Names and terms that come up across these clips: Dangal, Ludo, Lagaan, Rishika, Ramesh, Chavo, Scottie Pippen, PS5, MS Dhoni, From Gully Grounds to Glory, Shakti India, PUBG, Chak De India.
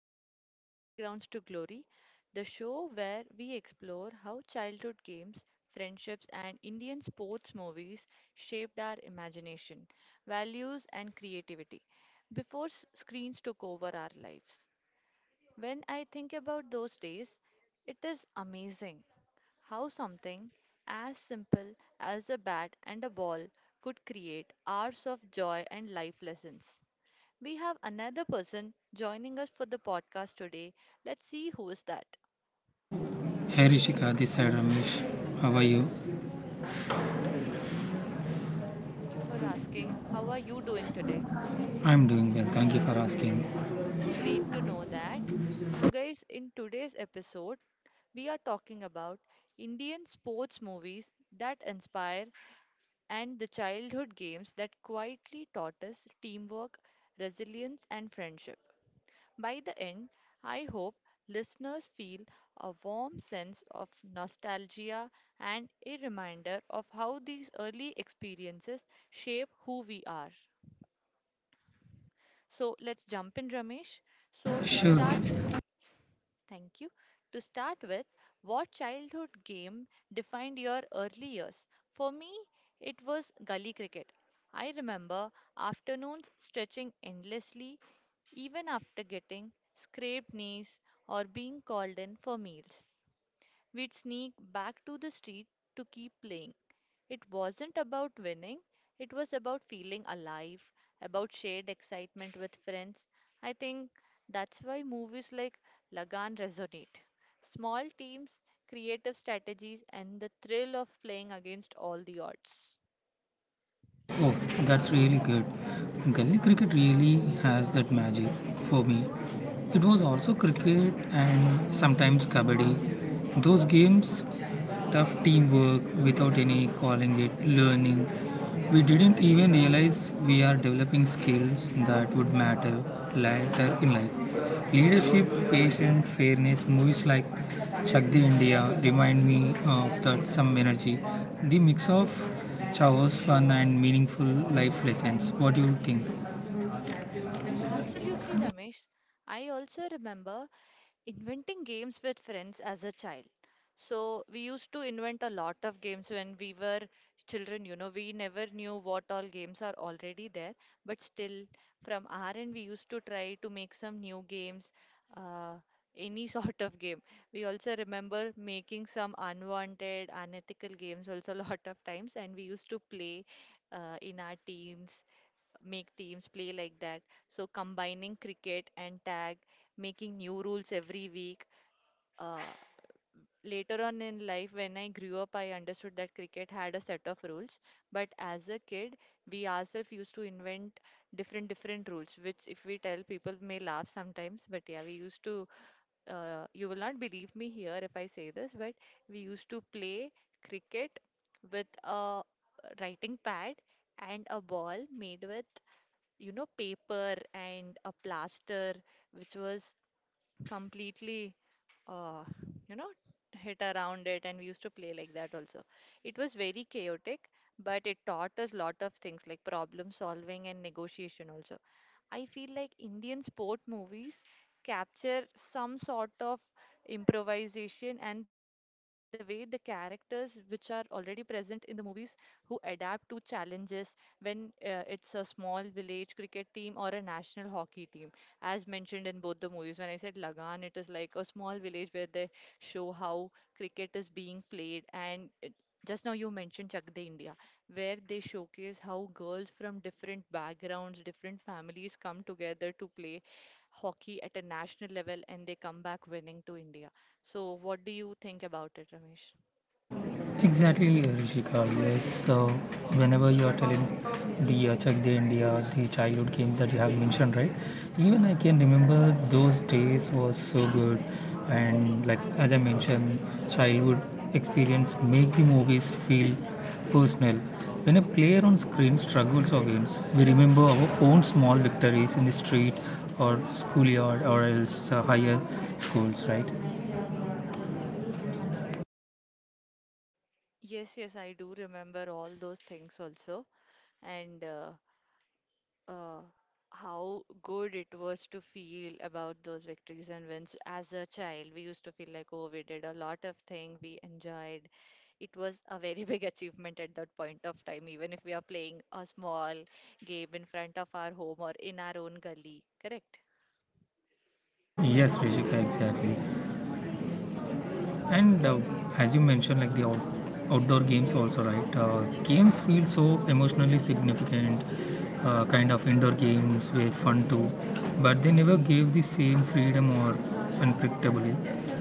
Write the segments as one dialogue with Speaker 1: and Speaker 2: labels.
Speaker 1: to From Gully Grounds to Glory, the show where we explore how childhood games, friendships, and Indian sports movies shaped our imagination, values, and creativity before screens took over our lives. When I think about those days, it is amazing how something as simple as a bat and a ball could create hours of joy and life lessons. We have another person joining us for the podcast today. Let's see who is that.
Speaker 2: Hey Rishika, this side Ramesh. How are you?
Speaker 1: Thank you for asking. How are you doing today?
Speaker 2: I'm doing well, thank you for asking.
Speaker 1: Great to know that. So, guys, in today's episode, we are talking about Indian sports movies that inspire and the childhood games that quietly taught us teamwork, resilience, and friendship. By the end, I hope listeners feel a warm sense of nostalgia and a reminder of how these early experiences shape who we are. So let's jump in, Ramesh. So, to
Speaker 2: Sure.
Speaker 1: start, thank you. To start with, what childhood game defined your early years? For me, it was gully cricket. I remember afternoons stretching endlessly. Even after getting scraped knees or being called in for meals, we'd sneak back to the street to keep playing. It wasn't about winning, it was about feeling alive, about shared excitement with friends. I think that's why movies like Lagan resonate. Small teams, creative strategies, and the thrill of playing against all the odds.
Speaker 2: Oh, that's really good. Gully cricket really has that magic for me. It was also cricket and sometimes kabaddi. Those games tough teamwork without any calling it learning. We didn't even realize we are developing skills that would matter later in life. Leadership, patience, fairness, movies like Shakti India remind me of that some energy. The mix of Chavo's fun and meaningful life lessons. What do you think?
Speaker 1: Absolutely, Ramesh. I also remember inventing games with friends as a child. So we used to invent a lot of games when we were children, you know, we never knew what all games are already there, but still from our end we used to try to make some new games, uh, any sort of game. We also remember making some unwanted, unethical games also a lot of times and we used to play in our teams, make teams play like that. So combining cricket and tag, making new rules every week. Uh, Later on in life, when I grew up, I understood that cricket had a set of rules. But as a kid, we ourselves used to invent different different rules, which if we tell people may laugh sometimes. But yeah, we used to. You will not believe me here if I say this, but we used to play cricket with a writing pad and a ball made with, you know, paper and a plaster, which was completely, uh, you know, hit around it. And we used to play like that also. It was very chaotic, but it taught us lot of things like problem solving and negotiation also. I feel like Indian sport movies capture some sort of improvisation and the way the characters which are already present in the movies who adapt to challenges, when it's a small village cricket team or a national hockey team. As mentioned in both the movies, when I said Lagan, it is like a small village where they show how cricket is being played, and it, just now you mentioned Chak De India, where they showcase how girls from different backgrounds, different families come together to play hockey at a national level and they come back winning to India. So, what do you think about it, Ramesh?
Speaker 2: Exactly, Rishika. Yes. So whenever you are telling the Check the India, the childhood games that you have mentioned, right? Even I can remember those days was so good, and like as I mentioned, childhood experience make the movies feel personal. When a player on screen struggles or wins, we remember our own small victories in the street or schoolyard or else higher schools, right?
Speaker 1: Yes, yes, I do remember all those things also. And uh, how good it was to feel about those victories and wins. As a child, we used to feel like, oh, we did a lot of things, we enjoyed. It was a very big achievement at that point of time, even if we are playing a small game in front of our home or in our own gully, correct?
Speaker 2: Yes, Rishika, exactly. And as you mentioned, like the outdoor games also, right? Games feel so emotionally significant, kind of indoor games were fun too, but they never gave the same freedom or unpredictability.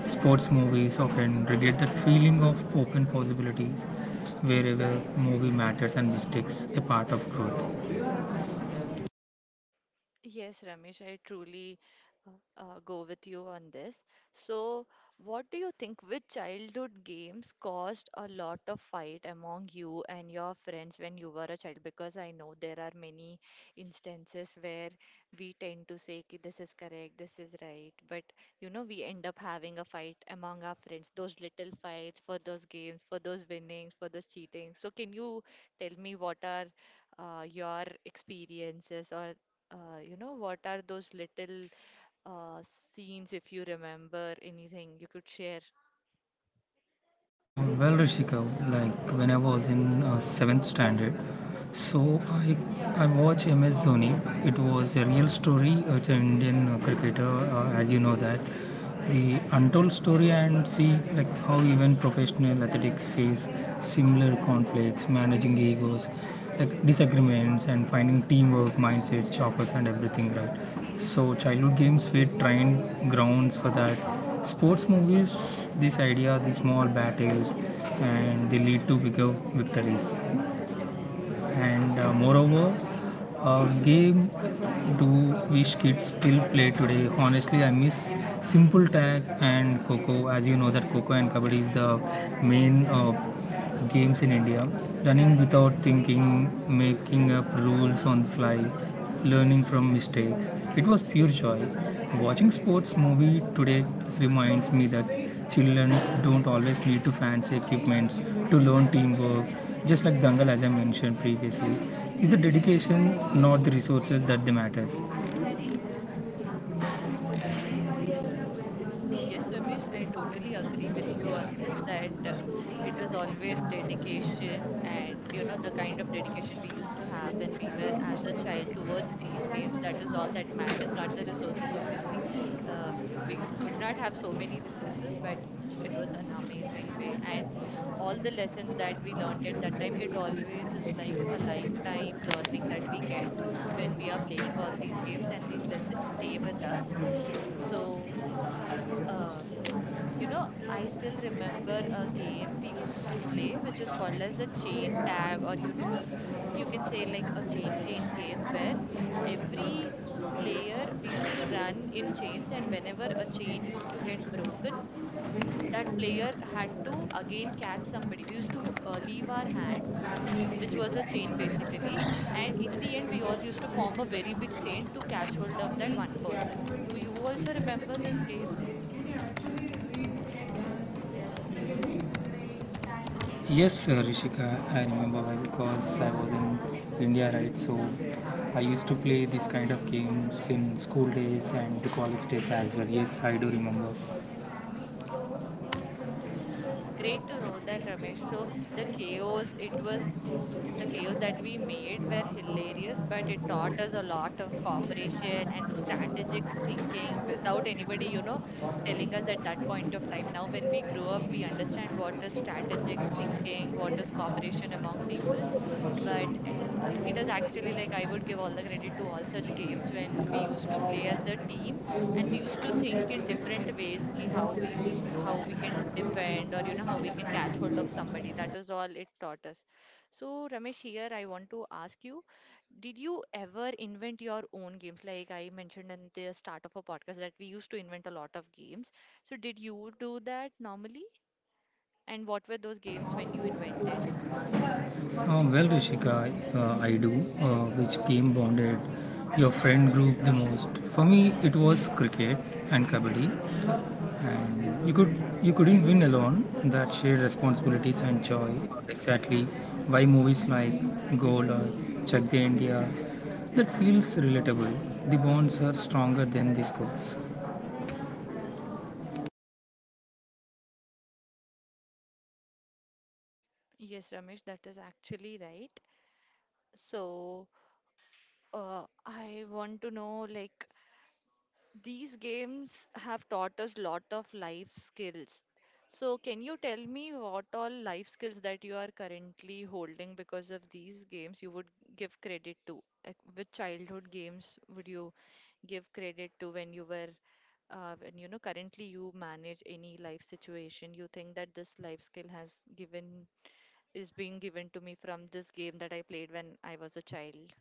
Speaker 2: Sports movies often regret that feeling of open possibilities wherever movie matters and mistakes a part of growth.
Speaker 1: Yes, Ramesh, I truly uh, go with you on this. So, what do you think? Which childhood games caused a lot of fight among you and your friends when you were a child? Because I know there are many instances where we tend to say, "Ki, this is correct, this is right." But, you know, we end up having a fight among our friends, those little fights for those games, for those winnings, for those cheating. So, can you tell me what are your experiences, or you know, what are those little uh, scenes, if you remember anything, you could share?
Speaker 2: Well, Rishika, like when I was in seventh standard, so I watched MS Dhoni. It was a real story. It's an Indian cricketer, as you know that the untold story, and see like how even professional athletics face similar conflicts, managing egos, like disagreements, and finding teamwork, mindsets, chokers, and everything right. So childhood games were trained grounds for that. Sports movies, this idea, the small battles, and they lead to bigger victories and moreover, game do wish kids still play today. Honestly, I miss simple tag and coco, as you know that coco and kabaddi is the main games in India. Running without thinking, making up rules on the fly, learning from mistakes, it was pure joy. Watching sports movie today reminds me that children don't always need to fancy equipments to learn teamwork, just like Dangal as I mentioned previously. Is the dedication, not the resources, that the matters?
Speaker 1: Yes, Ramesh, I totally agree with you on this that it is always dedication, and you know the kind of dedication we used to have when we were as a child towards these games. That is all that matters, not the resources. Obviously, uh, could not have so many resources, but it was an amazing way. And all the lessons that we learned at that time, it always is like a lifetime learning that we get when we are playing all these games, and these lessons stay with us. So. Uh, you know, I still remember a game we used to play, which is called as a chain tag, or you know, you can say like a chain chain game where every player we used to run in chains, and whenever a chain used to get broken, that player had to again catch somebody. We used to leave our hands, which was a chain basically, and in the end, we all used to form a very big chain to catch hold of that one person. Do you also remember these games?
Speaker 2: Yes, Rishika, I remember well because I was in India, right? So I used to play this kind of games in school days and the college days as well. Yes, I do remember.
Speaker 1: Great to know that, Ramesh. So the chaos, it was the chaos that we made were hilarious, but it taught us a lot of cooperation and strategic thinking without anybody, you know, telling us at that point of time. Now, when we grow up, we understand what is strategic thinking, what is cooperation among people, but it is actually like I would give all the credit to all such games when we used to play as a team and we used to think in different ways, ki how we use how we can defend, or you know how we can catch hold of somebody. That is all it taught us. So, Ramesh, here I want to ask you, did you ever invent your own games? Like I mentioned in the start of a podcast that we used to invent a lot of games, so did you do that normally, and what were those games when you invented?
Speaker 2: Well, Rishika, I do, which game bonded your friend group the most? For me, it was cricket and kabaddi. And you couldn't win alone. That shared responsibilities and joy, exactly why movies like gold or check the india, that feels relatable. The bonds are stronger than the scores.
Speaker 1: Yes, Ramesh, that is actually right. So, I want to know like these games have taught us lot of life skills. So, can you tell me what all life skills that you are currently holding because of these games you would give credit to? Like, which childhood games would you give credit to when you were, when you know, currently you manage any life situation? You think that this life skill has given, is being given to me from this game that I played when I was a child?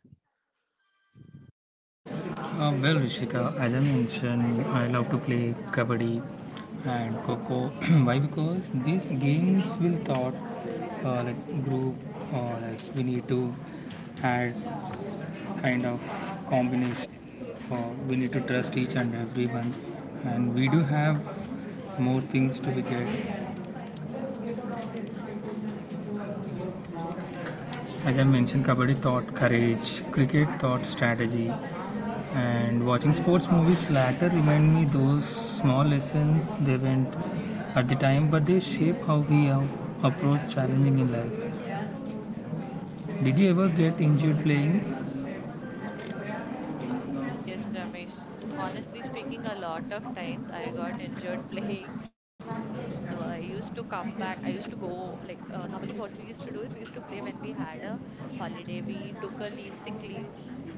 Speaker 2: Well rishika, as I mentioned, I love to play kabaddi and coco why? Because these games will thought like group or like we need to add kind of combination. Uh, we need to trust each and everyone, and we do have more things to be get. As I mentioned, kabaddi taught courage, cricket taught strategy, and watching sports movies later remind me those small lessons they went at the time, but they shape how we approach challenging in life. Did you ever get injured playing?
Speaker 1: Uh, yes, Ramesh. Honestly speaking, a lot of times I got injured playing. So I used to come back. I used to go, like, normally what we used to do is we used to play when we had a holiday. We took a leave, sick leave,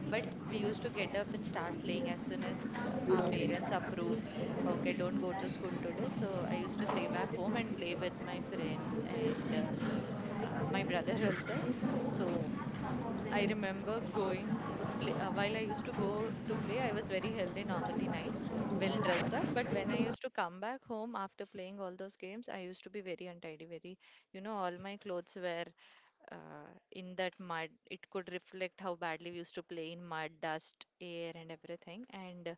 Speaker 1: but we used to get up and start playing as soon as our parents approved, okay, don't go to school today. So I used to stay back home and play with my friends and my brother also. So I remember going play, while I used to go to play, I was very healthy, normally nice, well dressed up. But when I used to come back home after playing all those games, I used to be very untidy, very, you know, all my clothes were in that mud. It could reflect how badly we used to play in mud, dust, air, and everything. And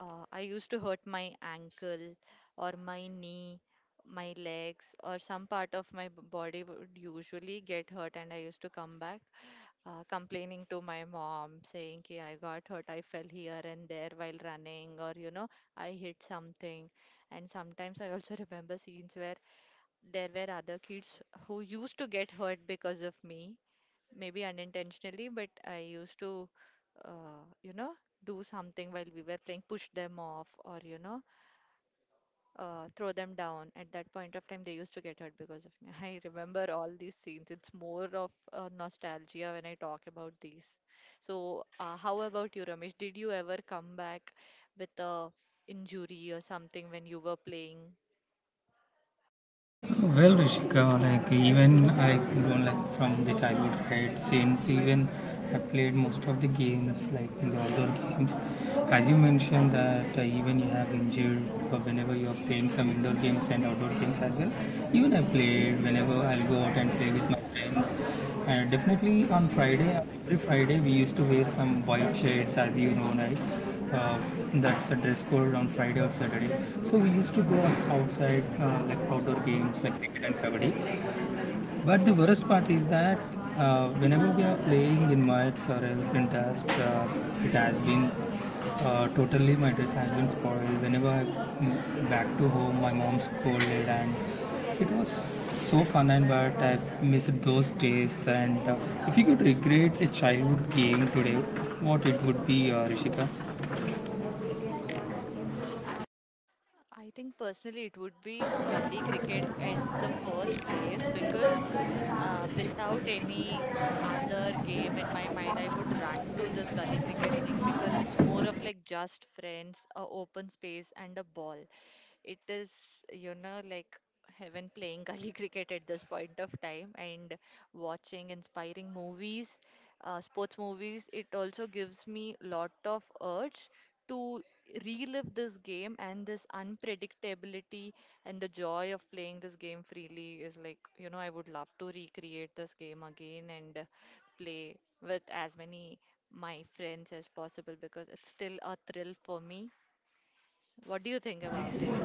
Speaker 1: I used to hurt my ankle or my knee, my legs, or some part of my body would usually get hurt, and I used to come back complaining to my mom, saying ki I got hurt, I fell here and there while running, or you know, I hit something. And sometimes I also remember scenes where there were other kids who used to get hurt because of me, maybe unintentionally, but I used to, you know, do something while we were playing, push them off, or you know, throw them down. At that point of time, they used to get hurt because of me. I remember all these scenes. It's more of nostalgia when I talk about these. So, how about you, Ramesh? Did you ever come back with a injury or something when you were playing?
Speaker 2: Well, Rishika, like even I don't like from the childhood, right? Since even I played most of the games, like the outdoor games. As you mentioned that even you have injured whenever you are playing some indoor games and outdoor games as well. Even I played whenever I'll go out and play with my friends. And definitely on Friday, every Friday we used to wear some white shirts, as you know, right? That's a dress code on Friday or Saturday. So we used to go outside, like outdoor games like cricket and kabaddi. But the worst part is that whenever we are playing in mats or else in dust, it has been totally my dress has been spoiled. Whenever I back to home, my mom scolded, and it was so fun. And but I missed those days. And if you could regret a childhood game today, what it would be, Rishika?
Speaker 1: I think personally it would be gully cricket at the first place because without any other game in my mind, I would run to this gully cricket thing because it's more of like just friends, a open space, and a ball it is you know like heaven playing gully cricket at this point of time, and watching inspiring movies, sports movies, it also gives me lot of urge to relive this game and this unpredictability, and the joy of playing this game freely is like, you know, I would love to recreate this game again and play with as many my friends as possible because it's still a thrill for me. What do you think about it?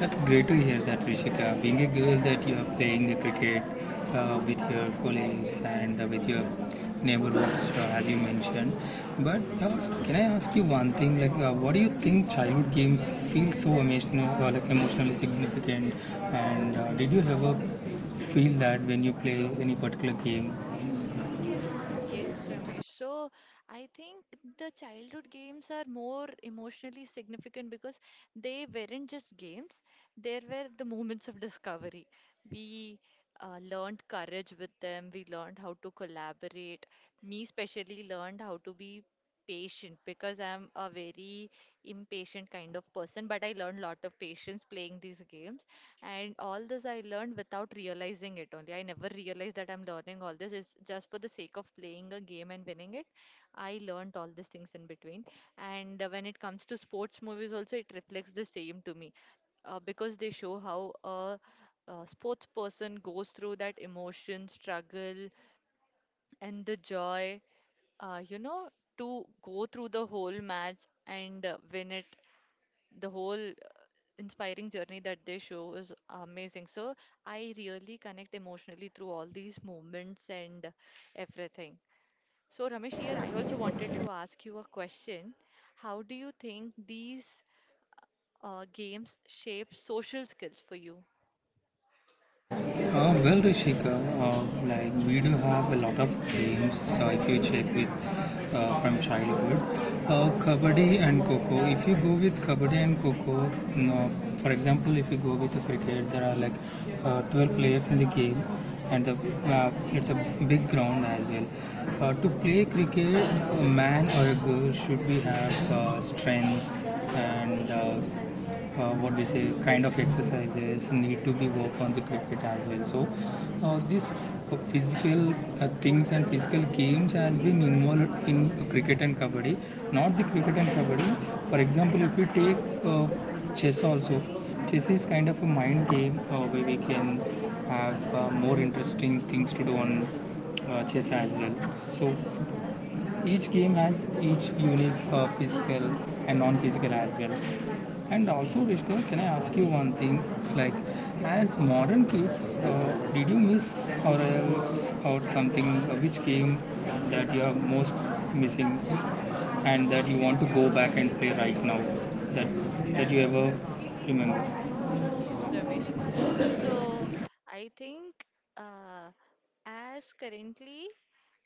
Speaker 2: That's great to hear that, Rishika. Being a girl, that you are playing cricket with your colleagues and with your neighborhoods, as you mentioned. But can I ask you one thing? Like, what do you think childhood games feel so emotional, like emotionally significant? And did you ever feel that when you play any particular game?
Speaker 1: Yes, Ramesh. So I think the childhood games are more emotionally significant because they weren't just games, there were the moments of discovery. We learned courage with them, we learned how to collaborate. Me, especially, learned how to be patient because I'm a very impatient kind of person, but I learned a lot of patience playing these games. And all this I learned without realizing it only. I never realized that I'm learning all this. It's just for the sake of playing a game and winning it. I learned all these things in between. And when it comes to sports movies, also, it reflects the same to me because they show how a sports person goes through that emotion, struggle, and the joy, uh, you know, to go through the whole match and win it. The whole inspiring journey that they show is amazing. So I really connect emotionally through all these moments and everything. So Ramesh, here I also wanted to ask you a question. How do you think these games shape social skills for you?
Speaker 2: Well, Rishika, uh, like we do have a lot of games. If you check with from childhood, kabaddi and coco. If you go with kabaddi and coco, no, for example, if you go with the cricket, there are like 12 players in the game, and the it's a big ground as well. To play cricket, a man or a girl should be have strength and what we say kind of exercises need to be worked on the cricket as well. So these physical things and physical games has been involved in cricket and kabaddi, not the cricket and kabaddi. For example, if we take chess also, chess is kind of a mind game where we can have more interesting things to do on chess as well. So each game has each unique physical and non-physical as well. And also Rishka, can I ask you one thing? Like,
Speaker 1: Sure.
Speaker 2: as modern kids, did you miss or else or something, which game that you are most missing and that you want to go back and play right now, that that you ever remember?
Speaker 1: Yes, Ramesh. So I think uh, as currently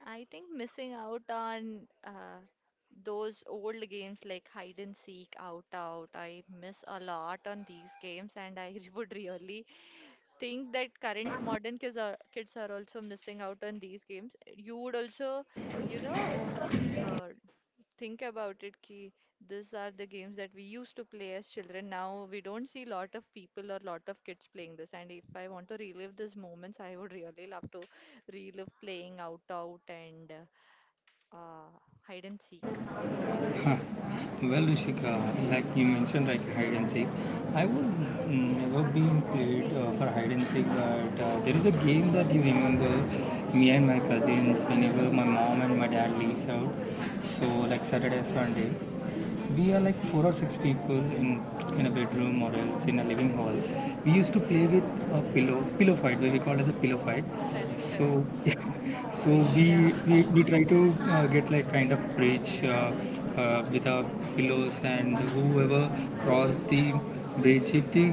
Speaker 1: I think missing out on those old games like hide and seek, out out, I miss a lot on these games, and I would really think that current modern kids are also missing out on these games. You would also, you know, uh, think about it. Ki these are the games that we used to play as children. Now we don't see lot of people or lot of kids playing this. And if I want to relive these moments, I would really love to relive playing out out and uh, hide and seek. What do you think?
Speaker 2: Well, Rishika, like you mentioned, like hide and seek. I was never being played for hide and seek, but there is a game that you remember, me and my cousins whenever my mom and my dad leaves out. So like Saturday, Sunday, we are like four or six people in a bedroom or else in a living hall. We used to play with a pillow fight, what we call as a pillow fight.
Speaker 1: Correct,
Speaker 2: So
Speaker 1: correct.
Speaker 2: yeah, so we
Speaker 1: Yeah,
Speaker 2: we, we try to get like kind of bridge with our pillows, and whoever crossed the bridge, if the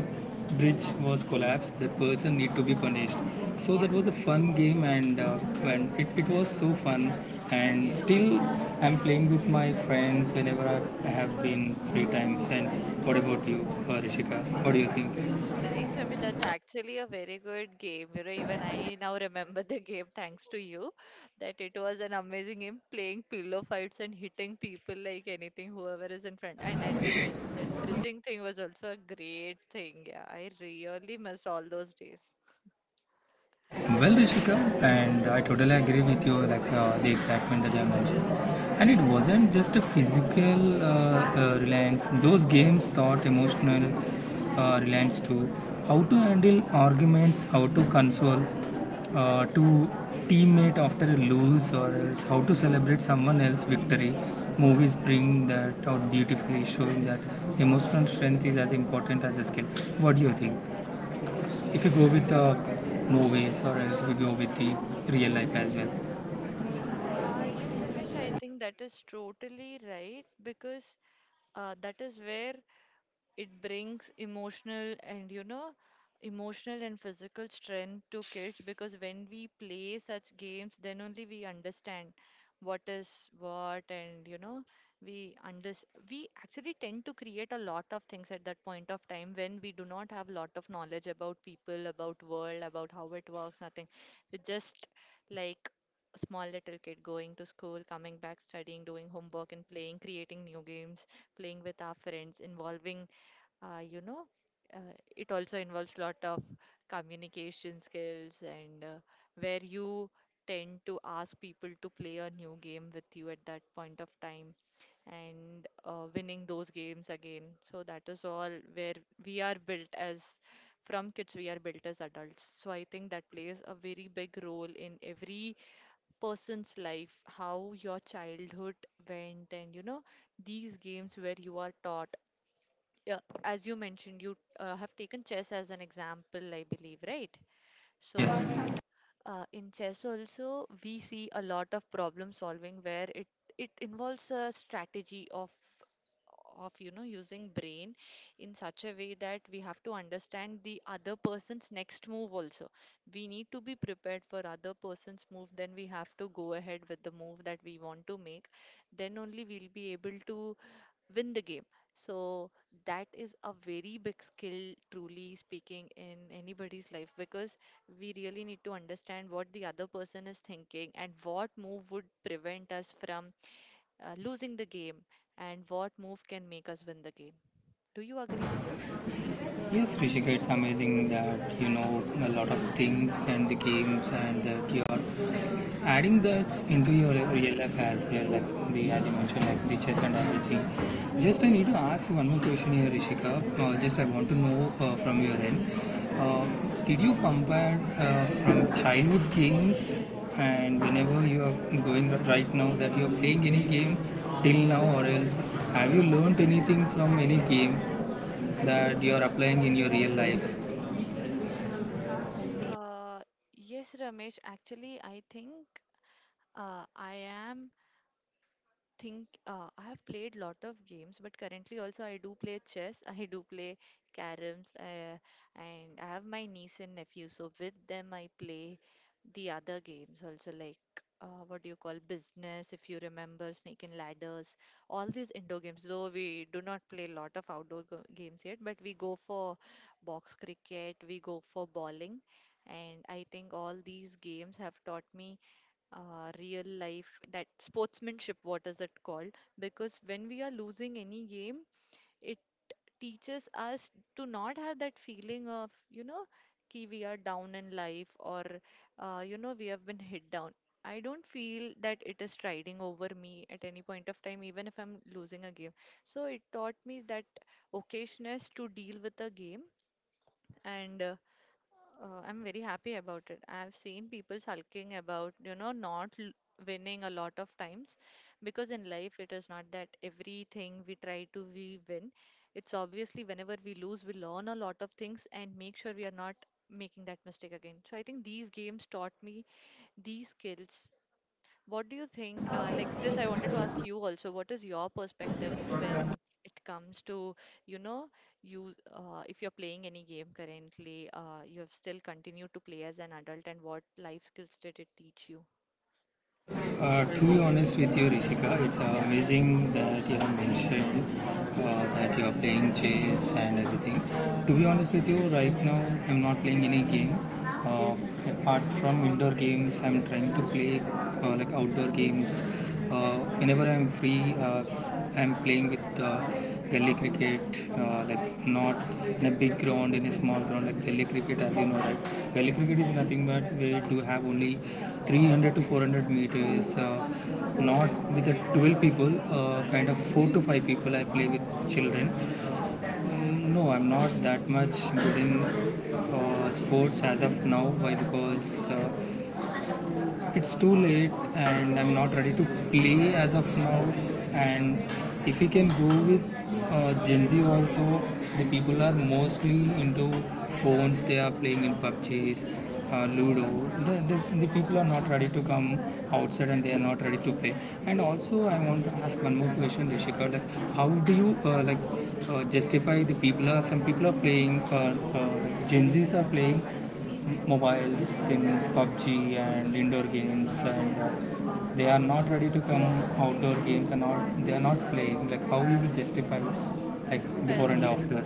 Speaker 2: bridge was collapsed, that person need to be punished. So that
Speaker 1: yes,
Speaker 2: was a fun game, and it was so fun. And
Speaker 1: yes.
Speaker 2: still, I'm playing with my friends whenever I have been free times. And what about you, Rishika? What do you think?
Speaker 1: Nice, Ramesh. That's actually a very good game. You know, even I now remember the game thanks to you. That it was an amazing game playing pillow fights and hitting people like anything, whoever is in front. And as you mentioned, that bridging thing was also a great thing. Yeah, I really miss all those days.
Speaker 2: Well, Rishika, and I totally agree with you, like the excitement that you have mentioned. And it wasn't just a physical reliance, those games taught emotional reliance too. How to handle arguments, how to console, to teammate after a lose, or else how to celebrate someone else's victory. Movies bring that out beautifully, showing that emotional strength is as important as a skill. What do you think? If you go with the movies or else we go with the real life as well.
Speaker 1: Yes, Ramesh, I think that is totally right because that is where it brings emotional and, you know, emotional and physical strength to kids because when we play such games, then only we understand what is what and, you know, we under we actually tend to create a lot of things at that point of time when we do not have lot of knowledge about people, about world, about how it works, nothing. We just like a small little kid going to school, coming back, studying, doing homework, and playing, creating new games, playing with our friends, involving uh, you know it also involves lot of communication skills and where you tend to ask people to play a new game with you at that point of time and winning those games again. So that is all where we are built as from kids we are built as adults. So I think that plays a very big role in every person's life, how your childhood went, and you know, these games where you are taught. Yeah, as you mentioned, you have taken chess as an example, I believe, right? So,
Speaker 2: Yes.
Speaker 1: in chess also, we see a lot of problem solving where it involves a strategy of using brain in such a way that we have to understand the other person's next move also. We need to be prepared for other person's move, then we have to go ahead with the move that we want to make. Then only we'll be able to win the game. So that is a very big skill, truly speaking, in anybody's life because we really need to understand what the other person is thinking and what move would prevent us from losing the game, and what move can make us win the game. Do you agree with this?
Speaker 2: Yes, Rishika, it's amazing that you know a lot of things and the games and that you're adding that into your real life as well, like the as you mentioned, like the chess and everything. Just I need to ask one more question here, Rishika. Just I want to know from your end, uh, did you compare from childhood games and whenever you are going right now that you are playing any game till now, or else have you learnt anything from any game that you are applying in your real life?
Speaker 1: Uh, yes, Ramesh. Actually, I think I am think I have played lot of games, but currently also I do play chess, I do play caroms, and I have my niece and nephew. So with them, I play the other games also like what do you call business, if you remember, snake and ladders, all these indoor games. Though we do not play a lot of outdoor games yet, but we go for box cricket, we go for bowling, and I think all these games have taught me real life, that sportsmanship, what is it called, because when we are losing any game, it teaches us to not have that feeling of, you know, ki we are down in life, or you know, we have been hit down. I don't feel that it is striding over me at any point of time even if I'm losing a game. So it taught me that occasioness to deal with a game. And I'm very happy about it. I've seen people sulking about, you know, not winning a lot of times because in life it is not that everything we try to, we win. It's obviously whenever we lose, we learn a lot of things and make sure we are not making that mistake again. So I think these games taught me these skills. What do you think? Like this, I wanted to ask you also. What is your perspective when it comes to, you know, you if you're playing any game currently, you have still continued to play as an adult, and what life skills did it teach you?
Speaker 2: To be honest with you, Rishika, it's amazing that you have mentioned that you are playing chess and everything. To be honest with you, right now I'm not playing any game. Uh, Apart from indoor games, I'm trying to play like outdoor games. Whenever I'm free, I'm playing with Gully cricket, like not in a big ground, in a small ground, like gully cricket, as you know, right? Gully cricket is nothing but we do have only 300 to 400 meters, not with the 12 people, kind of 4 to 5 people I play with children. No, I'm not that much good in sports as of now. Why? Because it's too late and I'm not ready to play as of now. And if we can go with Gen Z also, the people are mostly into phones. They are playing in PUBGs, Ludo. The people are not ready to come outside and they are not ready to play. And also, I want to ask one more question, Rishika. Like, how do you like justify the people are? Some people are playing. Gen Zs are playing mobiles in PUBG and indoor games, and they are not ready to come outdoor games and not they are not playing. Like how we will justify, like before
Speaker 1: Correct.
Speaker 2: and after.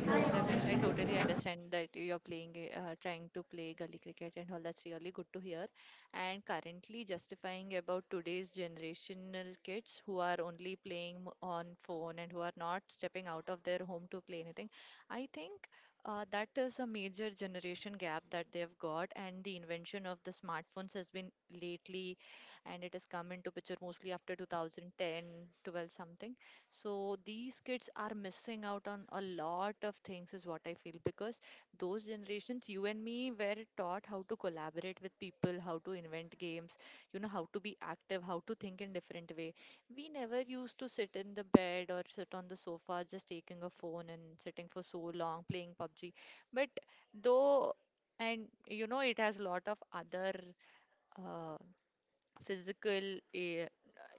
Speaker 1: Yeah, Ramesh, I totally understand that you're playing, trying to play gully cricket and all. That's really good to hear. And currently justifying about today's generational kids who are only playing on phone and who are not stepping out of their home to play anything. I think that is a major generation gap that they've got. And the invention of the smartphones has been lately, and it has come into picture mostly after 2010, 12 something. So these kids are missing out on a lot of things, is what I feel, because those generations, you and me, were taught how to collaborate with people, how to invent games, you know, how to be active, how to think in different way. We never used to sit in the bed or sit on the sofa just taking a phone and sitting for so long playing PUBG. But though, and you know, it has a lot of other uh, physical a-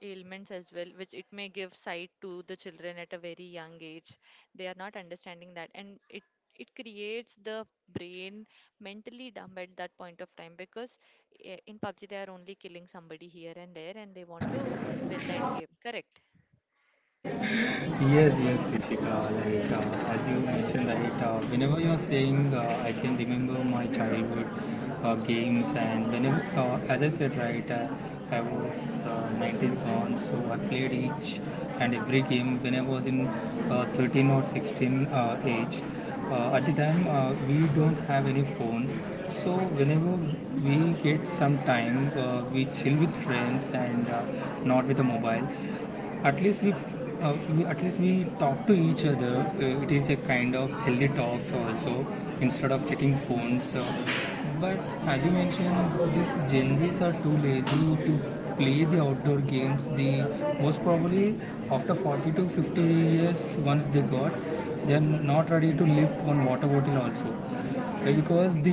Speaker 1: ailments as well, which it may give sight to the children at a very young age. They are not understanding that, and it creates the brain mentally dumb at that point of time because in PUBG they are only killing somebody here and there, and they want to win that game. Correct.
Speaker 2: Yes, yes, Krishika. Like,
Speaker 1: Ah,
Speaker 2: as you mentioned that whenever you are saying, I can remember my childhood games, and whenever, as I said, right, I was 90s born, so I played each and every game when I was in 13 or 16 age. At the time, we don't have any phones, so whenever we get some time, we chill with friends and not with a mobile. At least we at least we talk to each other. It is a kind of healthy talks also instead of checking phones so. But as you mentioned, these Gen Z's are too lazy to play the outdoor games. They, most probably after 40 to 50 years once they got, they're not ready to lift one water bottle also. Because the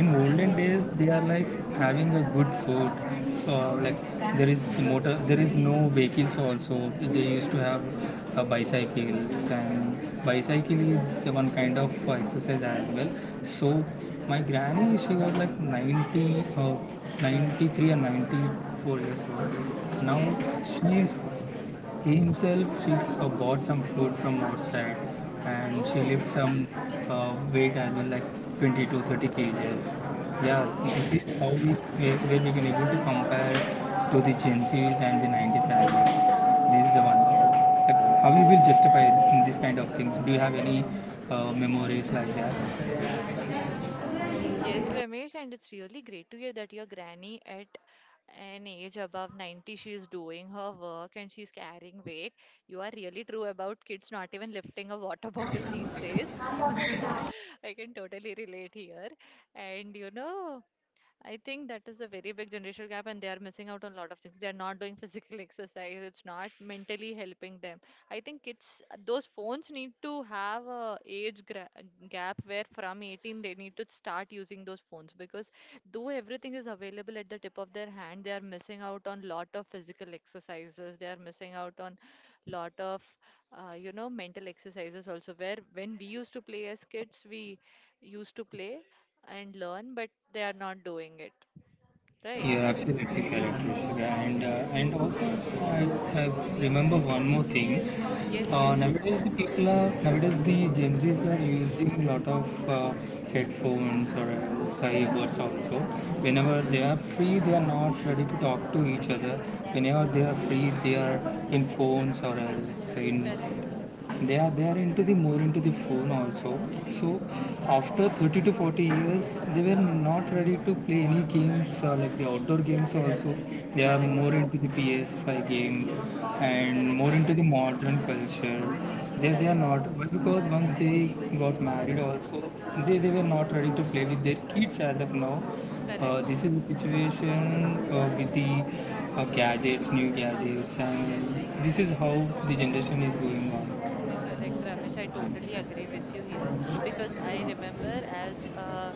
Speaker 2: in
Speaker 1: correct.
Speaker 2: olden days they are like having a good food, like there is motor, there is no vehicles also. They used to have bicycles, and bicycle is one kind of exercise as well. So my granny, she was like 90, uh, 93 or 94 years old now.
Speaker 1: Okay.
Speaker 2: She is, he himself, she bought some food from outside, and she
Speaker 1: Oh.
Speaker 2: lifted some weight as well, like 20 to 30 kgs. Yeah, this
Speaker 1: Wow.
Speaker 2: is how we, where we can able to compare to the Gen Zs and the 90s as well. This is the one. Like, how you will justify in this kind of things? Do you have any memories like that?
Speaker 1: Yes, Ramesh, and it's really great to hear that your granny at an age above 90, she is doing her work and she's carrying weight. You are really true about kids not even lifting a water bottle these days. I can totally relate here. And you know, I think that is a very big generational gap, and they are missing out on a lot of things. They are not doing physical exercise. It's not mentally helping them. I think kids, those phones need to have a age gap where from 18 they need to start using those phones, because though everything is available at the tip of their hand, they are missing out on lot of physical exercises. They are missing out on lot of, you know, mental exercises also. Where when we used to play as kids, we used to play and learn, but they are not doing it, right?
Speaker 2: You're absolutely correct, Rishika. And
Speaker 1: Yes,
Speaker 2: uh, and also, I, I remember one more thing.
Speaker 1: yes, yes.
Speaker 2: Nowadays, the Gen Zs are using a lot of headphones or else earbuds also. Whenever they are free, they are not ready to talk to each other. Whenever they are free, they are in phones or else in,
Speaker 1: Correct,
Speaker 2: they are into the more into the phone also. So after 30 to 40 years, they were not ready to play any games, like the outdoor games also. They are
Speaker 1: correct,
Speaker 2: more into the PS5 game, and
Speaker 1: correct,
Speaker 2: more into
Speaker 1: correct,
Speaker 2: the modern culture. They are
Speaker 1: correct,
Speaker 2: not, because once they got married also, they were not ready to play with their kids as of now.
Speaker 1: correct,
Speaker 2: This is the situation with the gadgets new gadgets, and this is how the generation is going on.
Speaker 1: correct. Ramesh, I totally agree with you here because I remember as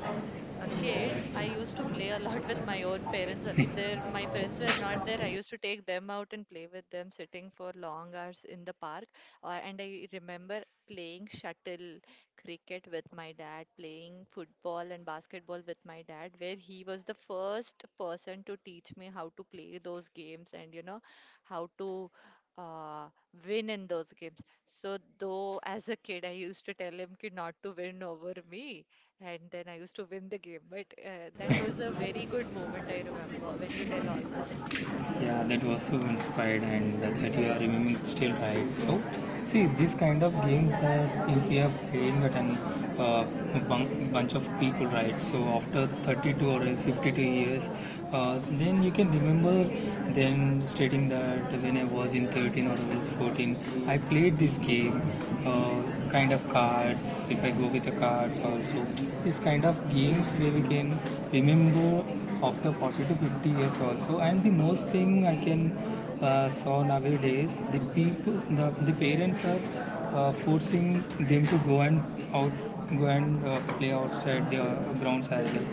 Speaker 1: a kid, I used to play a lot with my own parents. Only if they are my friends were not there, I used to take them out and play with them, sitting for long hours in the park. And I remember playing shuttle cricket with my dad, playing football and basketball with my dad, where he was the first person to teach me how to play those games and how to uh, win in those games. So, though as a kid, I used to tell him "Ki not to win over me, and then I used to win the game. But that was a very good moment, I remember, when you tell all this.
Speaker 2: Yeah, that was so inspired, and that you are remembering still, right? So see, this kind of games that if we are playing at an uh, bunch of people, right? So after 32 or else 52 years, then you can remember them, stating that when I was in 13 or else 14, I played this game, uh, kind of cards. If I go with the cards also, this kind of games where we can remember after 40 to 50 years also. And the most thing I can saw nowadays, the people, the parents are forcing them to go and out go and play outside their grounds as well.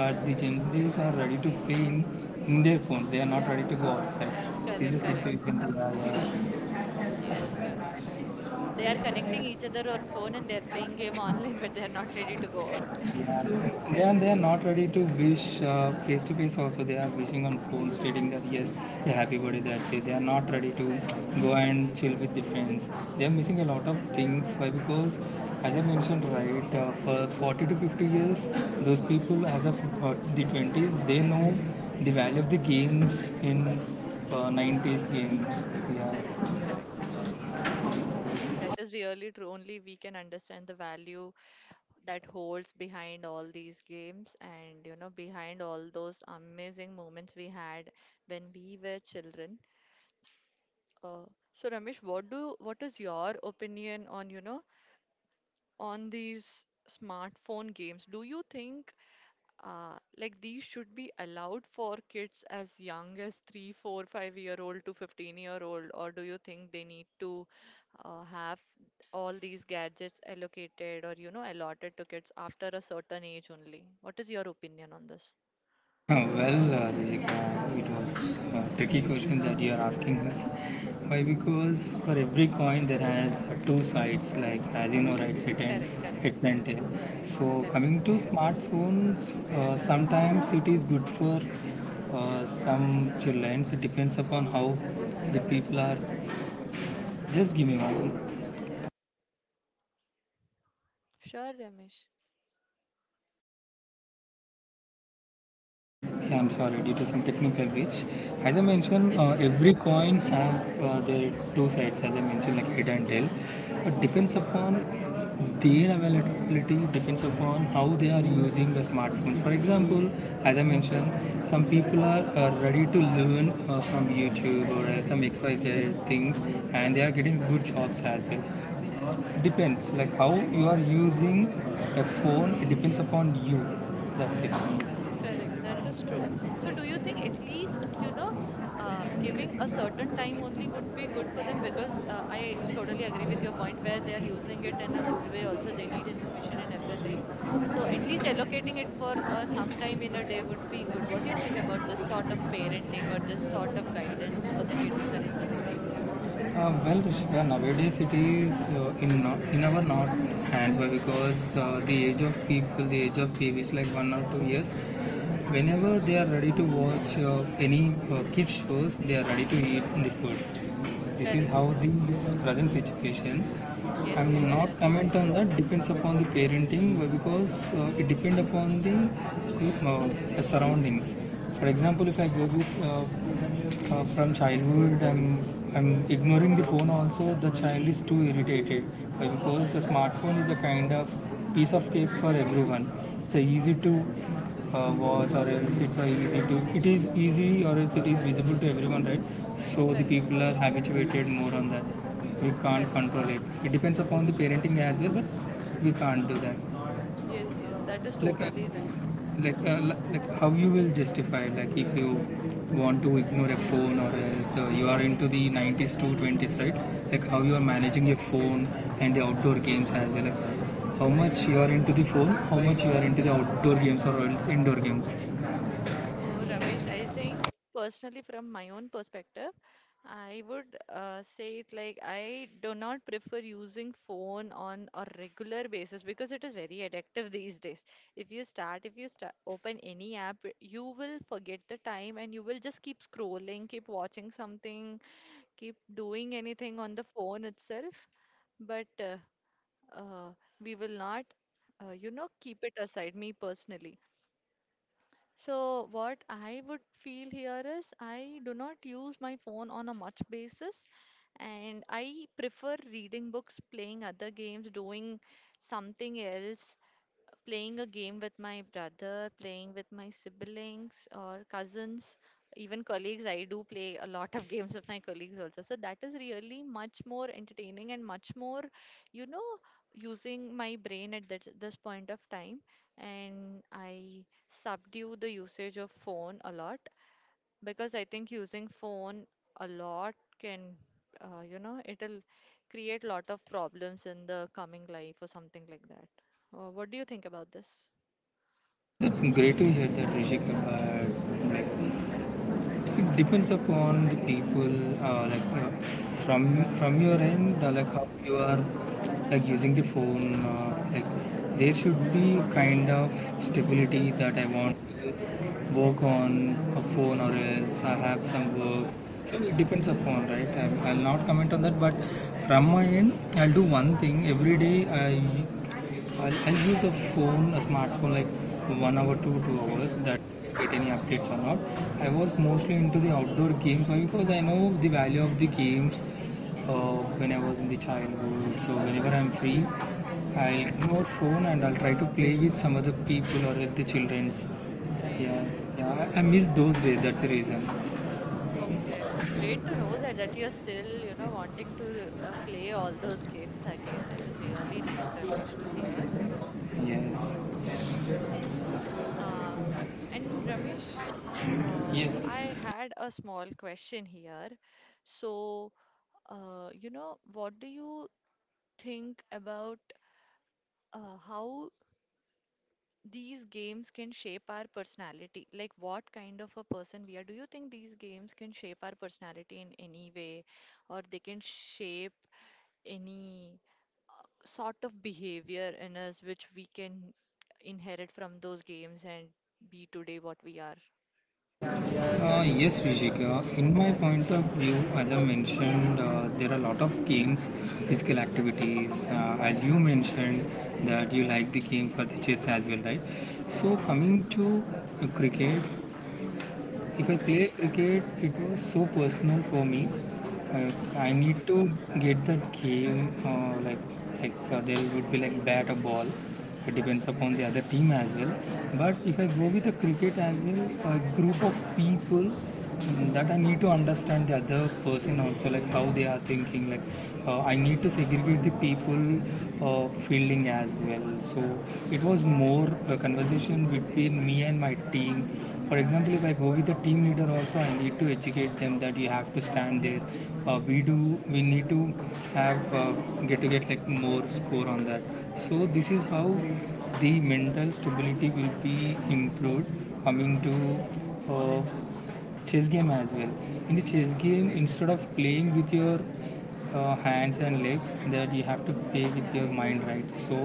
Speaker 2: But the Gen Zs are ready to play in their phones. They are not ready to go outside. This
Speaker 1: Correct,
Speaker 2: is the
Speaker 1: correct.
Speaker 2: situation they are.
Speaker 1: Yes, Ramesh. They are connecting each other on phone and they're playing game online, but they're not ready to go out.
Speaker 2: Yeah, and they are not ready to wish face to face also. They are wishing on phone, stating that yes, they're
Speaker 1: Yes,
Speaker 2: happy birthday. That's it. They are not ready to
Speaker 1: correct,
Speaker 2: go and chill with the friends. They are missing a lot of things. Why? Because as I mentioned, right, for 40 to 50 years, those people, as of the 20s, they know the value of the games in 90s games. Yeah.
Speaker 1: correct, correct. That is really true. Only we can understand the value that holds behind all these games and, you know, behind all those amazing moments we had when we were children. Uh, so, Ramesh, what is your opinion on, you know, on these smartphone games? Do you think like these should be allowed for kids as young as three, four, 5 year old to 15 year old, or do you think they need to have all these gadgets allocated or you know allotted to kids after a certain age only? What is your opinion on this?
Speaker 2: Well, Rijika, it was a tricky question that you are asking me. Why? Because for every coin there has two sides, like as you know, right,
Speaker 1: Correct, correct,
Speaker 2: heads and tail. So
Speaker 1: correct.
Speaker 2: coming to smartphones, sometimes it is good for some children. It depends upon how the people are just giving on.
Speaker 1: Sure, Ramesh.
Speaker 2: Yeah, I'm sorry, due to some technical glitch. As I mentioned,
Speaker 1: It's okay.
Speaker 2: every coin have their two sides. As I mentioned, like head and tail. But depends upon their availability. Depends upon how they are using the smartphone. For example, as I mentioned, some people are ready to learn from YouTube or some XYZ things, and they are getting good jobs as well. Depends, like how you are using a phone. It depends upon you. That's it.
Speaker 1: Correct, that is true. So, do you think at least, you know, giving a certain time only would be good for them? Because I totally agree with your point where they are using it in a good way. Also, they need information and everything. So, at least allocating it for some time in a day would be good. What do you think about this sort of parenting or this sort of guidance for the kids currently?
Speaker 2: Well, Rishika, nowadays it is in our not hands. Why? Because the age of people, the age of TV is like 1 or 2 years. Whenever they are ready to watch any kids shows, they are ready to eat the food. This is
Speaker 1: Correct,
Speaker 2: how the
Speaker 1: correct.
Speaker 2: is present situation.
Speaker 1: Yes,
Speaker 2: I'm
Speaker 1: yes,
Speaker 2: not
Speaker 1: that's
Speaker 2: comment
Speaker 1: right.
Speaker 2: on that. Depends upon the parenting because it depend upon the surroundings. For
Speaker 1: Correct,
Speaker 2: example, if I go with from childhood, I'm ignoring the phone. Also, the child is too irritated because the smartphone is a kind of piece of cake for everyone. It's a easy to watch, or else it is easy, or else it is visible to everyone, right? So the
Speaker 1: correct,
Speaker 2: people are habituated more on that. We can't
Speaker 1: correct.
Speaker 2: control it. It depends upon the parenting as well, but we can't do that.
Speaker 1: Yes, yes, that is
Speaker 2: like uh,
Speaker 1: totally right.
Speaker 2: like uh, li- like how you will justify, like if you want to ignore a phone, or else you are into the 90s to 20s, right? Like, how you are
Speaker 1: Hmm.
Speaker 2: managing your phone and the outdoor games as well. Like, how much you are into the phone, how much you are into the outdoor games or else indoor games.
Speaker 1: So, Ramesh, I think personally, from my own perspective, I would say it like I do not prefer using phone on a regular basis because it is very addictive these days. If you start, open any app, you will forget the time and you will just keep scrolling, keep watching something, keep doing anything on the phone itself. But uh, we will not, you know, keep it aside, me personally. So what I would feel here is I do not use my phone on a much basis and I prefer reading books, playing other games, doing something else, playing a game with my brother, playing with my siblings or cousins, even colleagues. I do play a lot of games with my colleagues also. So that is really much more entertaining and much more, you know, using my brain at that, this point of time. And I subdue the usage of phone a lot because I think using phone a lot can, you know, it'll create lot of problems in the coming life or something like that. What do you think about this?
Speaker 2: That's great to hear that, Rishika. But it depends upon the people, like from your end, like how you are like using the phone. Like, there should be kind of stability that I want to work on a phone, or else I have some work. So it depends upon, right? I'll not comment on that. But from my end, I'll do one thing every day. I I'll use a phone, a smartphone, like 1 hour to 2 hours. That get any updates or not. I was mostly into the outdoor games. Why? Because I know the value of the games. When I was in the childhood, so whenever I'm free, I'll ignore phone and I'll try to play with some other people or as the childrens.
Speaker 1: Great.
Speaker 2: Yeah, yeah. I miss those days. That's the reason.
Speaker 1: Okay. Great to know that that you're still, you know, wanting to play all those games again. That is really nice, Ramesh, to hear.
Speaker 2: Yes,
Speaker 1: Yes. Uh, and Ramesh,
Speaker 2: yes.
Speaker 1: I had a small question here. So, you know, what do you think about how these games can shape our personality? Like, what kind of a person we are. Do you think these games can shape our personality in any way, or they can shape any sort of behavior in us which we can inherit from those games and be today what we are?
Speaker 2: Yes, Vishika. In my point of view, as I mentioned, there are a
Speaker 1: Mm,
Speaker 2: lot of games, physical activities. As you mentioned, that you like the game for the chess as well, right? So
Speaker 1: correct, correct.
Speaker 2: coming to cricket, if I play cricket, it was so personal for me. Uh, I
Speaker 1: Okay.
Speaker 2: need to get that game, like there would be like bat or ball. It depends upon the other team as well. But if I go with the cricket as well, a group of people. Mm, that I need to understand the other person also, like how they are thinking. Like, I need to segregate the people fielding as well. So it was more a conversation between me and my team. For example, if I go with the team leader also, I need to educate them that you have to stand there. We do. We need to have get like more score on that. So this is how the mental stability will be improved. Coming to chess game as well, in the chess game, instead of playing with your hands and legs, that you have to play with your mind, right? So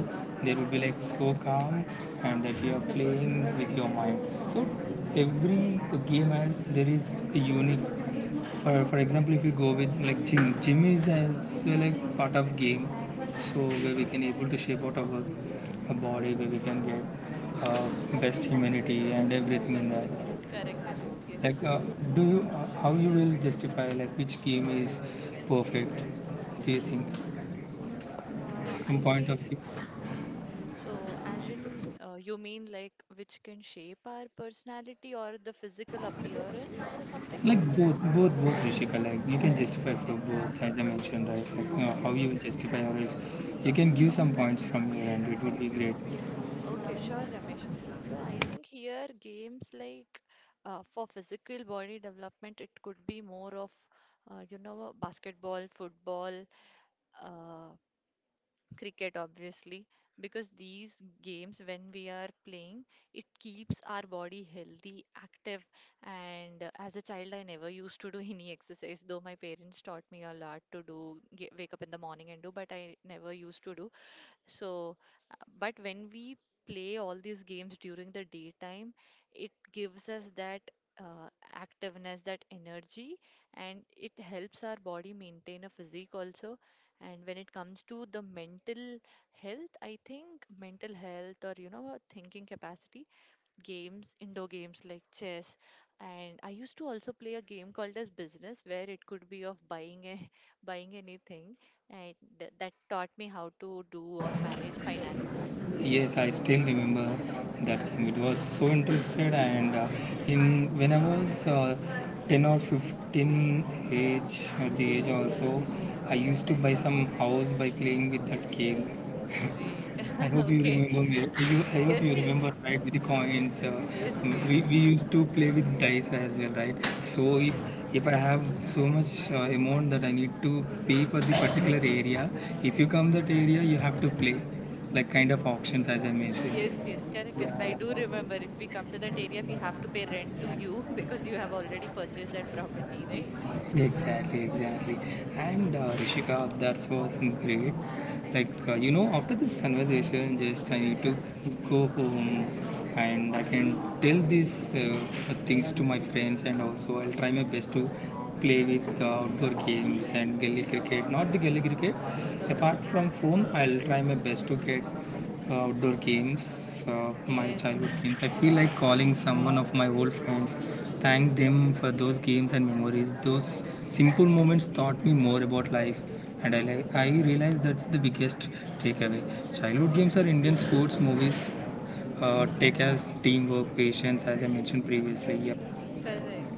Speaker 2: there will be like so calm, and that you are playing with your mind. So every game has there is a unique. For example, if you go with like gym, is as well like part of game. So where we can able to shape out our body, where we can get uh, best humanity and everything in
Speaker 1: Correct,
Speaker 2: that.
Speaker 1: correct, correct.
Speaker 2: Like,
Speaker 1: Yes.
Speaker 2: do you how you will justify like which game is perfect? Do you think
Speaker 1: Uh,
Speaker 2: from
Speaker 1: I
Speaker 2: point of
Speaker 1: think.
Speaker 2: view,
Speaker 1: So, as in, you mean like which can shape our personality or the physical appearance or something?
Speaker 2: like both, Rishika, like you can justify for
Speaker 1: Okay,
Speaker 2: both, as I mentioned, right? Like, you know, how
Speaker 1: okay,
Speaker 2: you will justify, or else you can give some points from your end. It would be great.
Speaker 1: okay, sure, Ramesh. So, I think here games like for physical body development, it could be more of, you know, basketball, football, uh, cricket, obviously, because these games, when we are playing, it keeps our body healthy, active. And as a child, I never used to do any exercise, though my parents taught me a lot to do, wake up in the morning and do, but I never used to do. So, but when we play all these games during the daytime, it gives us that uh, activeness, that energy, and it helps our body maintain a physique also. And when it comes to the mental health, I think mental health or you know, thinking capacity, games, indoor games like chess. And I used to also play a game called as business, where it could be of buying a, buying anything, and that taught me how to do or manage finances.
Speaker 2: Yes, I still remember that game. It
Speaker 1: Yes,
Speaker 2: was so interested, and in when I was 10 or 15 age, at the age also, I used to buy some house by playing with that game.
Speaker 1: great.
Speaker 2: I hope you
Speaker 1: Okay.
Speaker 2: remember me. I hope
Speaker 1: Yes,
Speaker 2: you
Speaker 1: yes,
Speaker 2: remember, right? With the coins.
Speaker 1: yes, yes,
Speaker 2: We
Speaker 1: yes,
Speaker 2: used to play with dice as well, right? So if
Speaker 1: yes.
Speaker 2: if I have so much amount that I need to pay for the particular area, if you come that area, you have to play, like kind of auctions as I mentioned.
Speaker 1: Yes, yes, correct, correct. I
Speaker 2: Yeah.
Speaker 1: do remember if we come to that area, we have to pay rent to you because you have already purchased that property, right?
Speaker 2: Exactly, exactly. And Rishika, that was great. Like,
Speaker 1: Mm,
Speaker 2: after this conversation, just I need to go home, and I can tell these things to my friends, and also I'll try my best to play with outdoor games and gully cricket. Not the gully cricket, apart from phone, I'll try my best to get outdoor games, my childhood
Speaker 1: yes,
Speaker 2: games. I feel like calling someone of my old friends, thank them for those games and memories. Those simple moments taught me more about life, and I realize that's the biggest takeaway. Childhood games are Indian sports movies. Take as teamwork, patience, as I mentioned previously. Yep.
Speaker 1: correct.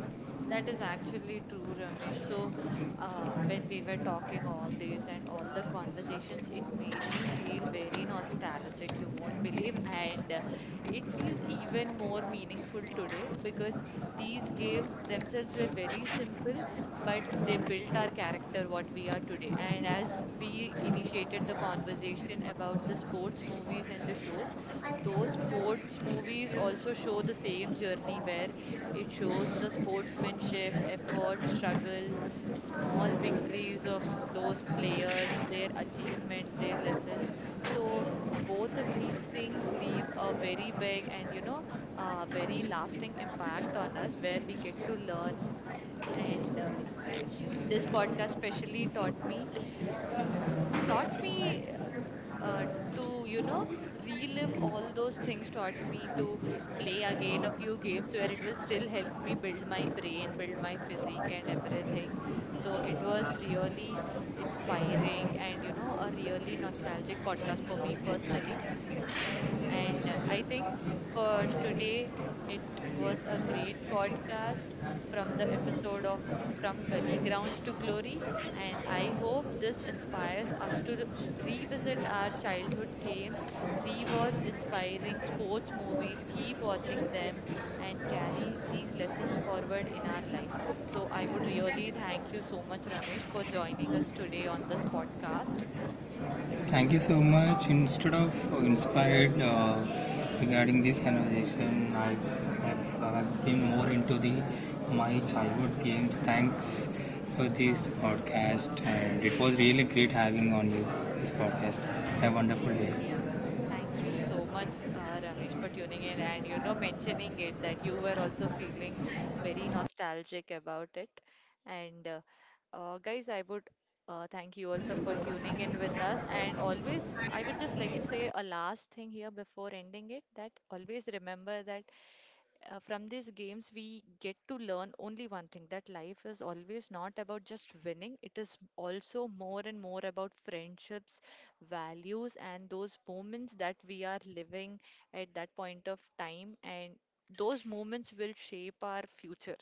Speaker 1: That is actually true, Ramesh. So, when we were talking all these and all the conversations, it made me feel very nostalgic, you won't believe. And it feels even more meaningful today because these games themselves were very simple, but they built our character, what we are today. And as we initiated the conversation about the sports movies and the shows, those sports movies also show the same journey where it shows the sportsmanship, effort, struggle, small victories of those players, their achievements, their lessons. So both of these things leave a very big and you know very lasting impact on us where we get to learn and This podcast specially uh, taught me uh, v- uh, to, you know, relive all those things, taught me to play again a few games where it will still help me build my brain, build my physique, and everything. So it was really inspiring and, you know, a really nostalgic podcast for me personally and i think for today, it was a great podcast from the episode of From Gully Grounds to Glory. And I hope this inspires us to revisit our childhood games, rewatch inspiring sports movies, keep watching them, and carry these lessons forward in our life. So I would really thank you so much, Ramesh, for joining us today on this podcast.
Speaker 2: Thank you so much. Instead of inspired regarding this conversation, I have been more into the my childhood games. Thanks for
Speaker 1: Uh,
Speaker 2: this podcast, and it was really great having on you this podcast. Have a wonderful day.
Speaker 1: Thank you so much, Ramesh, for tuning in and you know mentioning it that you were also feeling very nostalgic about it. And Guys, I would thank you also for tuning in with us. And always, I would just like to say a last thing here before ending it that always remember that from these games, we get to learn only one thing that life is always not about just winning, it is also more and more about friendships, values, and those moments that we are living at that point of time. And those moments will shape our future.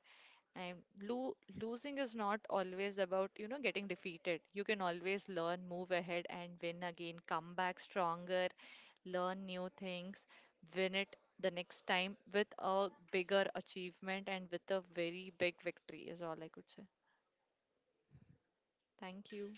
Speaker 1: And losing is not always about, you know, getting defeated. You can always learn, move ahead, and win again, come back stronger, learn new things, win it the next time with a bigger achievement and with a very big victory, is all I could say. Thank you.